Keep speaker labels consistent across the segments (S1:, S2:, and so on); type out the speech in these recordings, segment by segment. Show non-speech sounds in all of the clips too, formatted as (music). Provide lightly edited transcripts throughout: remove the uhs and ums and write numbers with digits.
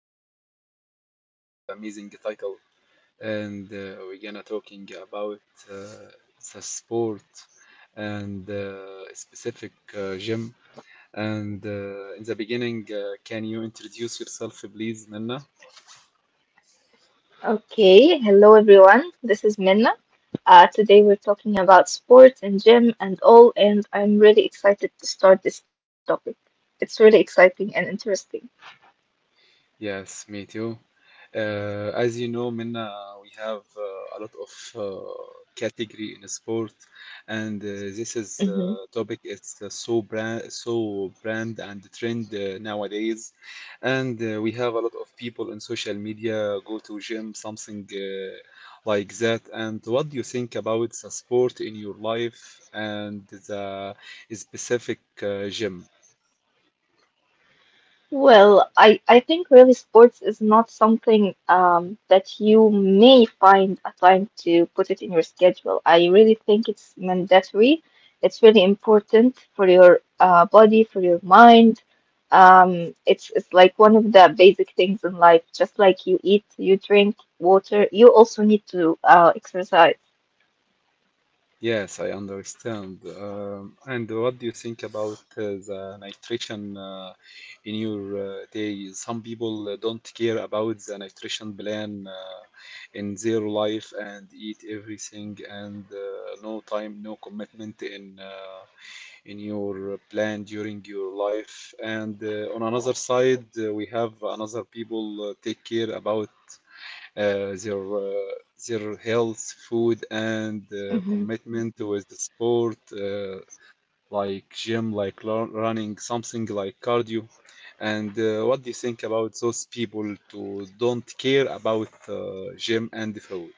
S1: and today we have amazing title, and we're gonna talking about uh, the sport and specific gym. And in the beginning, can you introduce yourself, please, Nana?
S2: Okay, hello everyone. This is Minna. Today we're talking about sports and gym and all, and I'm really excited to start this topic. It's really exciting and interesting.
S1: Yes, me too. As you know, Minna, we have a lot of category in sport, and this is
S2: Mm-hmm.
S1: topic is so brand and trend nowadays, and we have a lot of people in social media go to gym something like that. And what do you think about the sport in your life and the specific gym?
S2: Well, I think really sports is not something that you may find a time to put it in your schedule. I really think it's mandatory. It's really important for your body, for your mind. It's like one of the basic things in life. Just like you eat, you drink water, you also need to exercise.
S1: Yes, I understand. And what do you think about the nutrition in your day? Some people don't care about the nutrition plan in their life and eat everything and no time, no commitment in your plan during your life. And on another side, we have another people take care about uh, their uh, their health, food, and commitment with the sport, like gym, like running, something like cardio. And what do you think about those people to don't care about gym and food?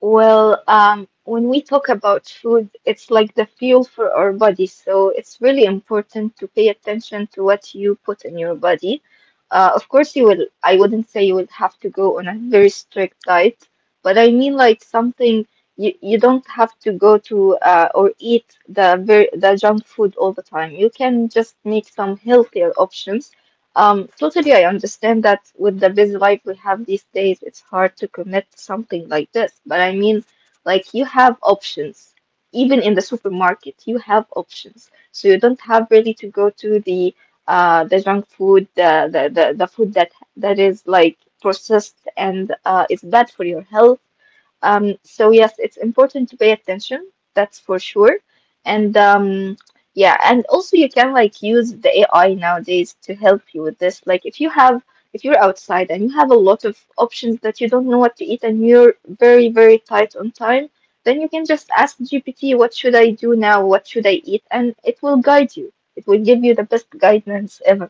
S2: Well, when we talk about food, it's like the fuel for our body. So it's really important to pay attention to what you put in your body. Of course, you will, I wouldn't say you will have to go on a very strict diet, but I mean like something you don't have to go to or eat the junk food all the time. You can just make some healthier options. Totally, I understand that with the busy life we have these days, it's hard to commit to something like this. But I mean, like, you have options. Even in the supermarket, you have options. So you don't have really to go to the junk food, the food that is like processed and is bad for your health. So yes, it's important to pay attention, that's for sure. And um, yeah, and also you can like use the AI nowadays to help you with this. Like, if you're outside and you have a lot of options that you don't know what to eat and you're very, very tight on time, then you can just ask GPT, what should I do now? What should I eat? And it will guide you. It will give you the best guidance ever.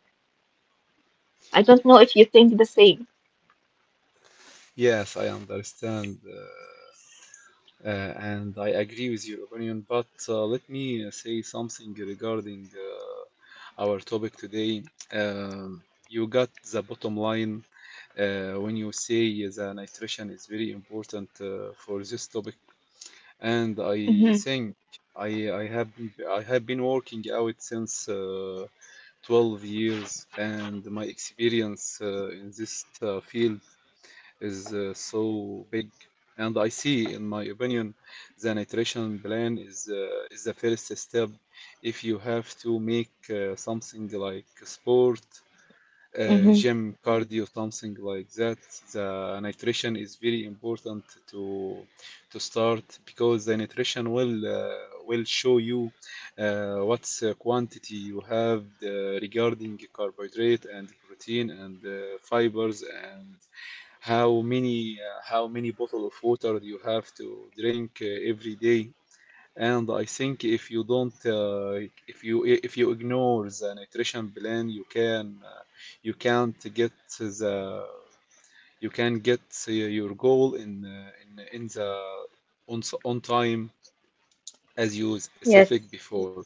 S2: I don't know if you think the same.
S1: Yes, I understand, and I agree with your opinion. But let me say something regarding our topic today. You got the bottom line when you say the nutrition is very important for this topic. And I
S2: Mm-hmm.
S1: think I have been working out since 12 years, and my experience in this field is so big. And I see, in my opinion, the nutrition plan is the first step if you have to make something like sport,
S2: Mm-hmm.
S1: gym, cardio, something like that. The nutrition is very important to to start because the nutrition will show you what's quantity you have regarding carbohydrate and protein and fibers and how many how many bottle of water you have to drink every day. And I think if you ignore the nutrition plan, you can't get the you can get your goal in the on time as you
S2: Yes,
S1: specific before.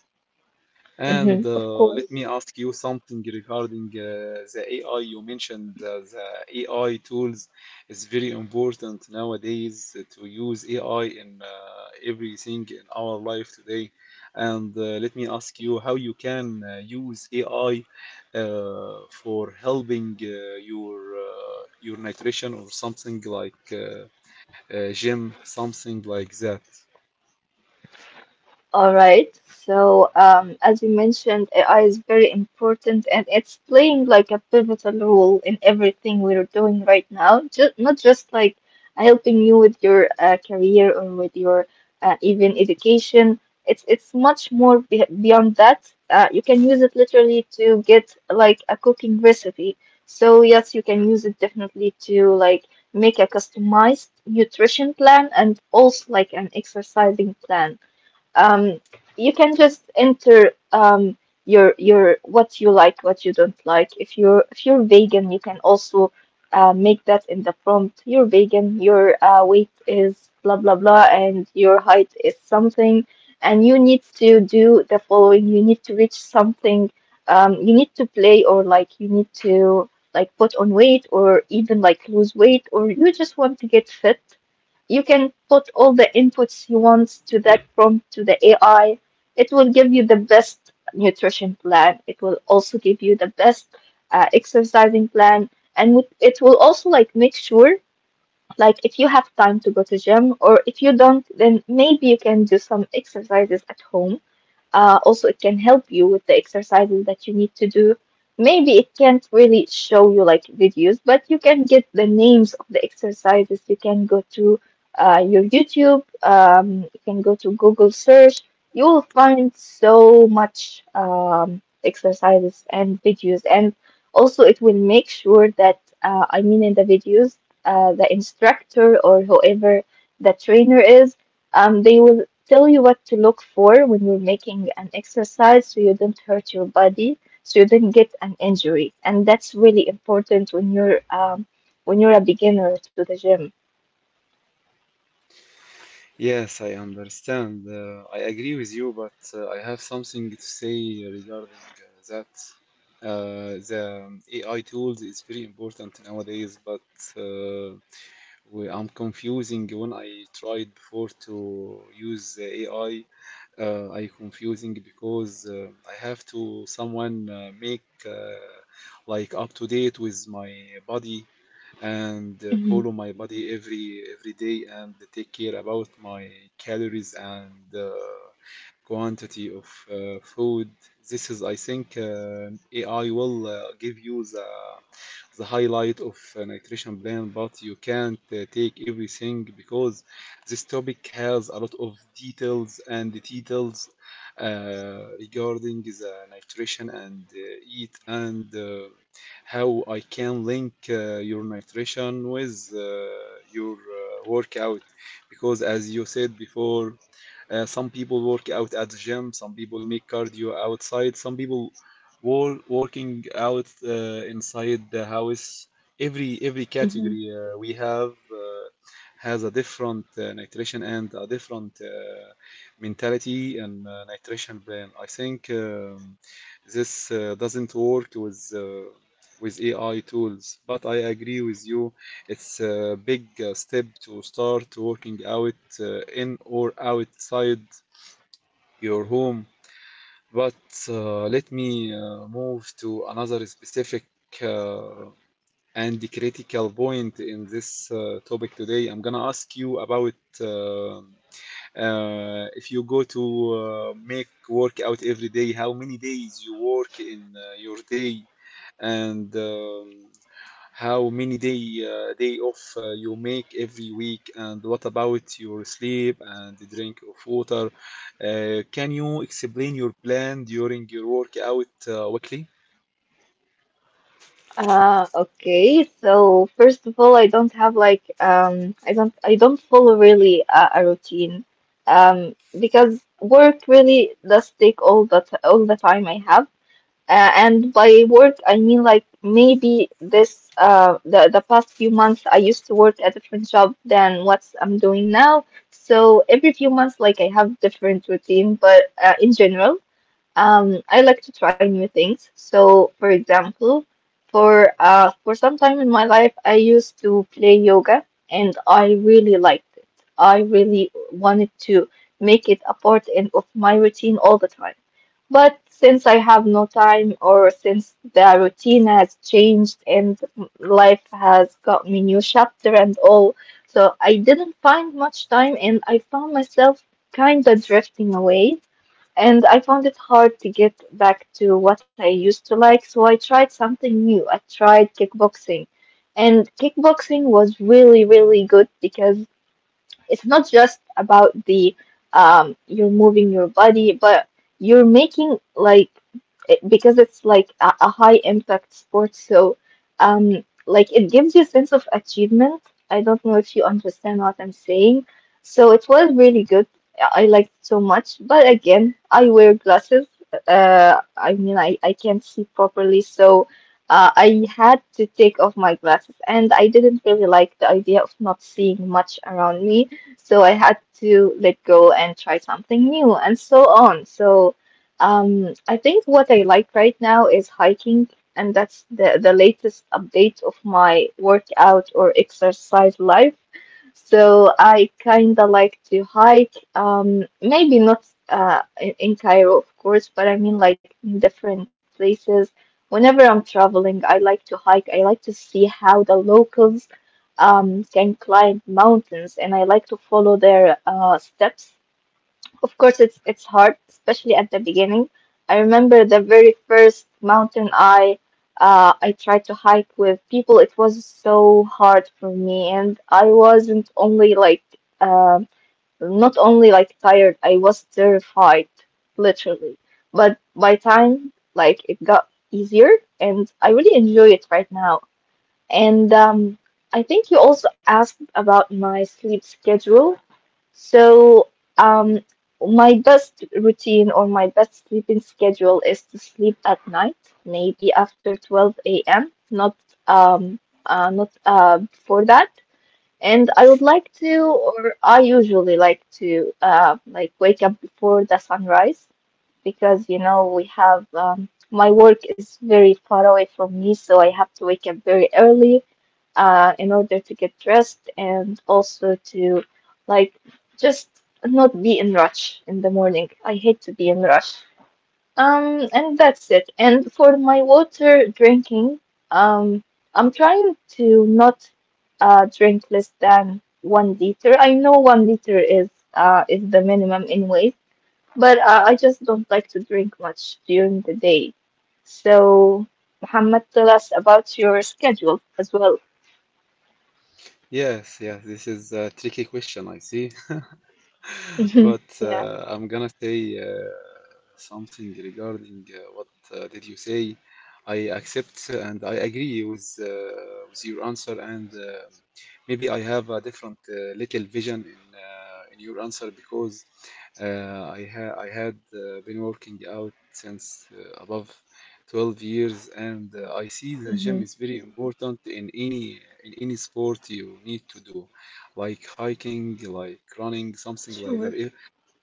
S1: And
S2: hmm of
S1: let
S2: course.
S1: me ask you something regarding the AI. You mentioned the AI tools is very important nowadays to use AI in everything in our life today. And let me ask you how you can use AI for helping your nutrition or something like gym, something like that.
S2: All right. So, as you mentioned, AI is very important and it's playing like a pivotal role in everything we're doing right now. Just not just like helping you with your career or with your even education. It's much more be beyond that. You can use it literally to get like a cooking recipe. So yes, you can use it definitely to like make a customized nutrition plan and also like an exercising plan. um you can just enter your what you like, what you don't like. If you're vegan, you can also make that in the prompt: you're vegan, your weight is blah blah blah and your height is something, and you need to do the following, you need to reach something. You need to play, or like you need to like put on weight or even like lose weight, or you just want to get fit. You can put all the inputs you want to that prompt to the AI. It will give you the best nutrition plan. It will also give you the best exercising plan, and it will also like make sure, like if you have time to go to gym or if you don't, then maybe you can do some exercises at home. Also, it can help you with the exercises that you need to do. Maybe it can't really show you like videos, but you can get the names of the exercises. You can go to your YouTube, you can go to Google search. You will find so much exercises and videos. And also, it will make sure that, I mean, in the videos, the instructor or whoever the trainer is, they will tell you what to look for when you're making an exercise, so you don't hurt your body, so you don't get an injury. And that's really important when you're a beginner to the gym.
S1: Yes, I understand. I agree with you, but I have something to say regarding that. The AI tools is very important nowadays, but uh, I'm confusing when I tried before to use the AI. I confusing because I have to someone make like up to date with my body and
S2: Hmm
S1: follow my body every day and take care about my calories and quantity of food. This is, I think, AI will give you the highlight of a nutrition plan, but you can't take everything because this topic has a lot of details and details uh, regarding the nutrition and eat and how I can link your nutrition with your workout because as you said before some people work out at the gym. Some people make cardio outside. Some people wall working out inside the house. Every
S2: hmm
S1: category we have has a different nutrition and a different mentality and nutrition plan. I think this doesn't work with AI tools, but I agree with you it's a big step to start working out in or outside your home. But let me move to another specific uh, and critical point in this topic today. I'm gonna ask you about uh, if you go to make workout every day, how many days you work in your day, and how many day off you make every week and what about your sleep and the drink of water, can you explain your plan during your workout weekly.
S2: Okay. So first of all, I don't have like, I don't follow really a routine, um, because work really does take all the time I have. And by work, I mean like maybe this, the past few months I used to work a different job than what I'm doing now. So every few months, like I have different routine, but in general, I like to try new things. So for example, for some time in my life, I used to play yoga, and I really liked it. I really wanted to make it a part in, of my routine all the time. But since I have no time, or since the routine has changed and life has got me new chapter and all, so I didn't find much time and I found myself kinda drifting away. And I found it hard to get back to what I used to like, so I tried something new. I tried kickboxing. And kickboxing was really, really good because it's not just about the you're moving your body, but you're making like it, because it's like a high impact sport, so like it gives you a sense of achievement. I don't know if you understand what I'm saying. So it was really good. I liked it so much, but again, I wear glasses. I mean, I can't see properly, so I had to take off my glasses, and I didn't really like the idea of not seeing much around me, so I had to let go and try something new, and so on. So, I think what I like right now is hiking, and that's the latest update of my workout or exercise life. So I kind of like to hike. Maybe not in Cairo, of course, but I mean like in different places. Whenever I'm traveling, I like to hike. I like to see how the locals can climb mountains, and I like to follow their steps. Of course, it's hard, especially at the beginning. I remember the very first mountain I tried to hike with people. It was so hard for me, and I wasn't only like uh, not only like tired. I was terrified, literally. But by time like it got easier, and I really enjoy it right now. And I think you also asked about my sleep schedule. So, um, my best routine or my best sleeping schedule is to sleep at night, maybe after 12 a.m., um, not before that. And I would like to, or I usually like to, like wake up before the sunrise because you know we have my work is very far away from me, so I have to wake up very early in order to get dressed and also to like just not be in rush in the morning. I hate to be in rush. And that's it. And for my water drinking, um, I'm trying to not drink less than 1 liter. I know 1 liter is the minimum anyway, but I just don't like to drink much during the day. So, Muhammad, tell us about your schedule as well.
S1: Yes, yes, this is a tricky question, I see. (laughs)
S2: Hmm
S1: But
S2: Yeah.
S1: I'm gonna say something regarding what did you say. I accept and I agree with with your answer, and maybe I have a different little vision in your answer because I had been working out since above 12 years, and I see the
S2: hmm
S1: gym is very important in any sport you need to do, like hiking, like running, something
S2: Sure.
S1: like that.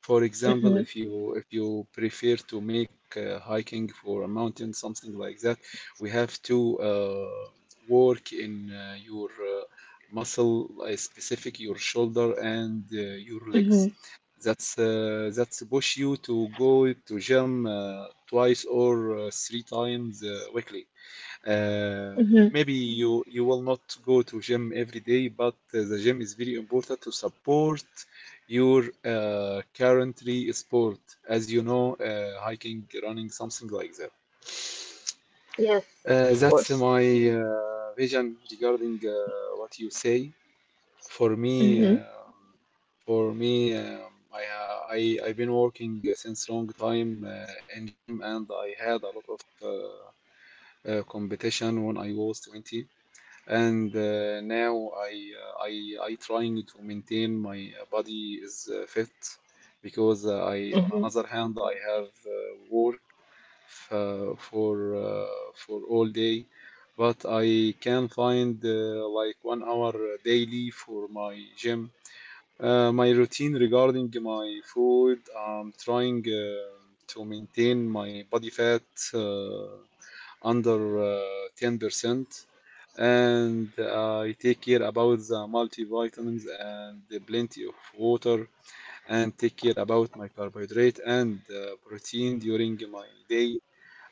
S1: For
S2: hmm
S1: example, if you prefer to make hiking for a mountain, something like that, we have to work in your muscle, specific your shoulder and your
S2: hmm
S1: legs. That's push you to go to gym twice or three times weekly. Uh,
S2: hmm
S1: maybe you will not go to gym every day, but the gym is very important to support your currently sport, as you know, hiking, running, something like that.
S2: Yes, of
S1: Uh,
S2: course.
S1: that's my vision regarding what you say. For me,
S2: Hmm
S1: um for me, um, I, ha- I I've been working since long time in gym, and I had a lot of uh, competition when I was 20. And now I trying to maintain my body is fit because I on
S2: hmm
S1: another hand I have work f- uh, for uh, for all day but I can find like 1 hour daily for my gym, my routine regarding my food. I'm trying to maintain my body fat uh, under 10%, and I take care about the multivitamins and the plenty of water, and take care about my carbohydrate and protein during my day.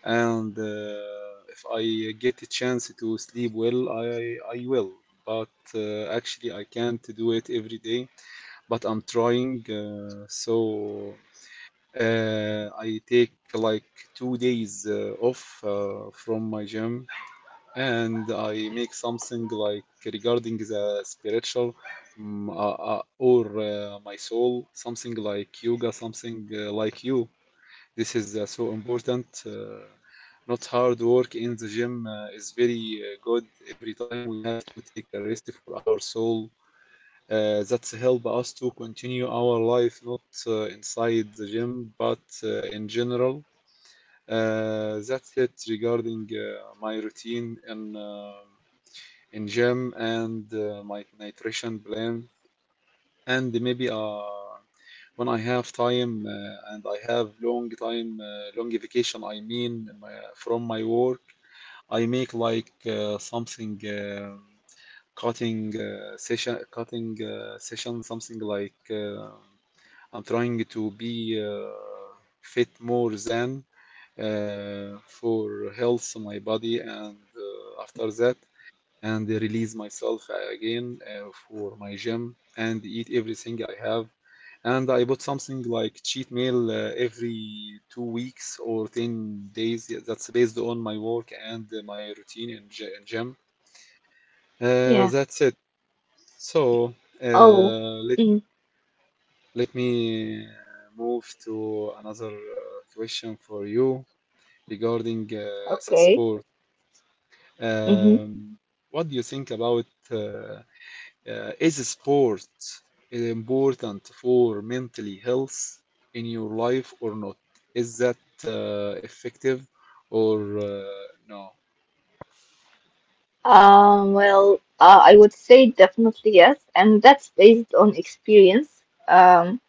S1: And if I get a chance to sleep well, I will. But actually, I can't do it every day but I'm trying. So I take like 2 days off from my gym and I make something like regarding the spiritual, or my soul, something like yoga, something like you. This is so important. Not hard work in the gym is very good every time. We have to take a rest for our soul that help us to continue our life, not inside the gym but in general. That's it regarding my routine in gym and my nutrition plan. And maybe when I have time and I have long vacation I mean, my, from my work I make like something. Cutting session, something like I'm trying to be uh, fit more than for health my body, and after that and release myself again for my gym and eat everything I have, and I bought something like cheat meal every 2 weeks or 10 days. Yeah, that's based on my work and my routine in gym. Uh,
S2: Yeah.
S1: that's it. So, uh,
S2: Oh.
S1: let
S2: mm
S1: let me move to another question for you regarding the
S2: Okay.
S1: sport.
S2: hmm
S1: Um, what do you think about uh, is sport important for mentally health in your life or not? Is that effective or no?
S2: I would say definitely yes, and that's based on experience. Um,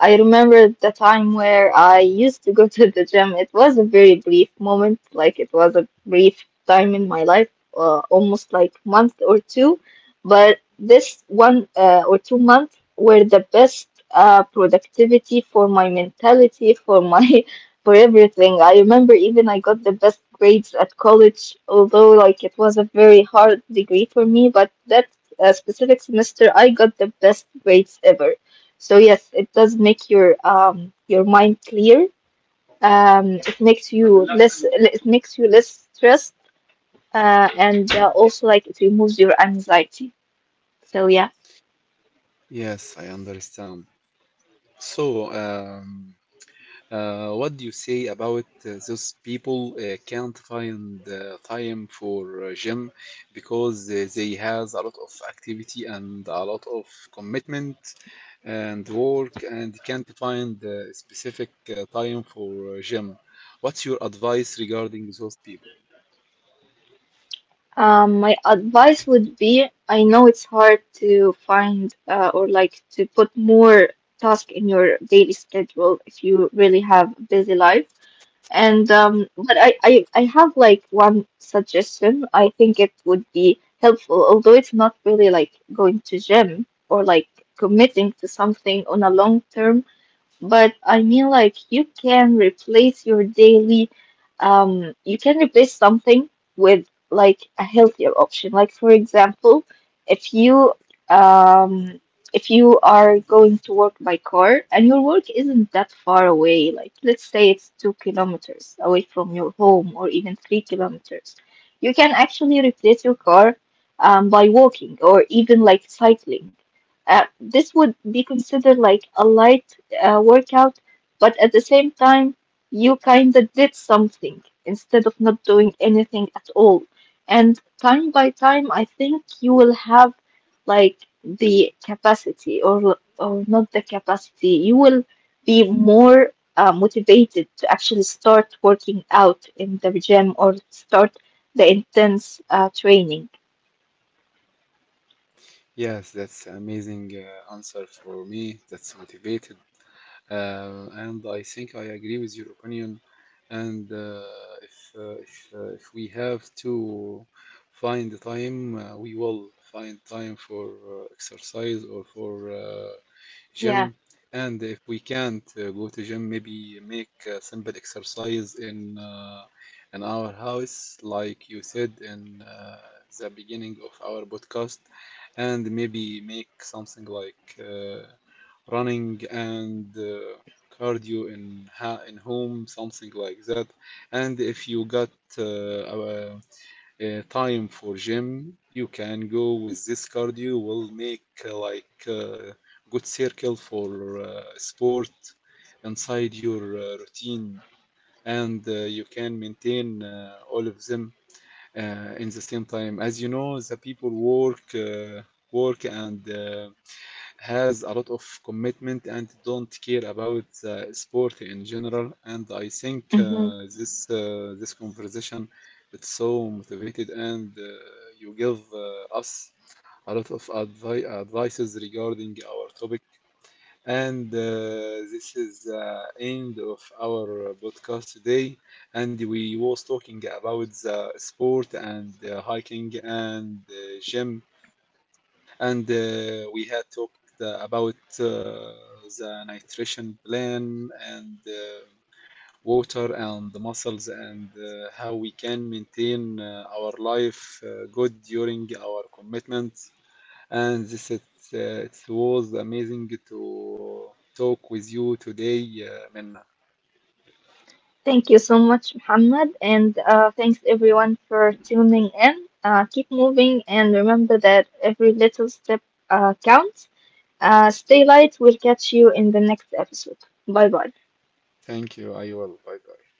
S2: I remember the time where I used to go (laughs) to the gym. It was a very brief moment, like it was a brief time in my life, almost like month or two. But this one or 2 months were the best productivity for my mentality, for my (laughs) for everything. I remember even I got the best grades at college, although like it was a very hard degree for me. But that specific semester, I got the best grades ever. So yes, it does make your mind clear. It makes you less stressed. And Also like it removes your anxiety. So yeah.
S1: Yes, I understand. So, what do you say about those people can't find time for gym because they has a lot of activity and a lot of commitment and work and can't find specific time for gym? What's your advice regarding those people?
S2: My advice would be, I know it's hard to find or like to put more task in your daily schedule if you really have a busy life. And but I have like one suggestion. I think it would be helpful, although it's not really like going to gym or like committing to something on a long term. But I mean, like, you can replace your daily, you can replace something with like a healthier option. Like, for example, if you, um, if you are going to work by car and your work isn't that far away, like, let's say it's 2 kilometers away from your home or even 3 kilometers, you can actually replace your car, by walking or even like cycling. This would be considered like a light workout, but at the same time, you kind of did something instead of not doing anything at all. And time by time, I think you will have like the capacity, or not the capacity, you will be more motivated to actually start working out in the gym or start the intense training.
S1: Yes, that's amazing answer for me. That's motivated. And I think I agree with your opinion. And if we have to find the time, we will find time for exercise or for
S2: Yeah.
S1: gym. And if we can't go to gym, maybe make a simple exercise in our house, like you said in the beginning of our podcast, and maybe make something like running and cardio in home, something like that. And if you got uh, uh, time for gym, you can go with this cardio. Will make like good circle for sport inside your routine, and you can maintain all of them in the same time. As you know, the people work and has a lot of commitment and don't care about the sport in general. And I think this conversation it's so motivated and you give us a lot of advices regarding our topic, and this is end of our podcast today. And we was talking about the sport and hiking and gym, and we had talked about uh, the nutrition plan and water and the muscles and how we can maintain our life good during our commitment, and it was amazing to talk with you today, Minna.
S2: Thank you so much, Muhammad, and thanks everyone for tuning in. Keep moving and remember that every little step counts. Stay light, we'll catch you in the next episode. Bye bye.
S1: Thank you. I will. Bye bye.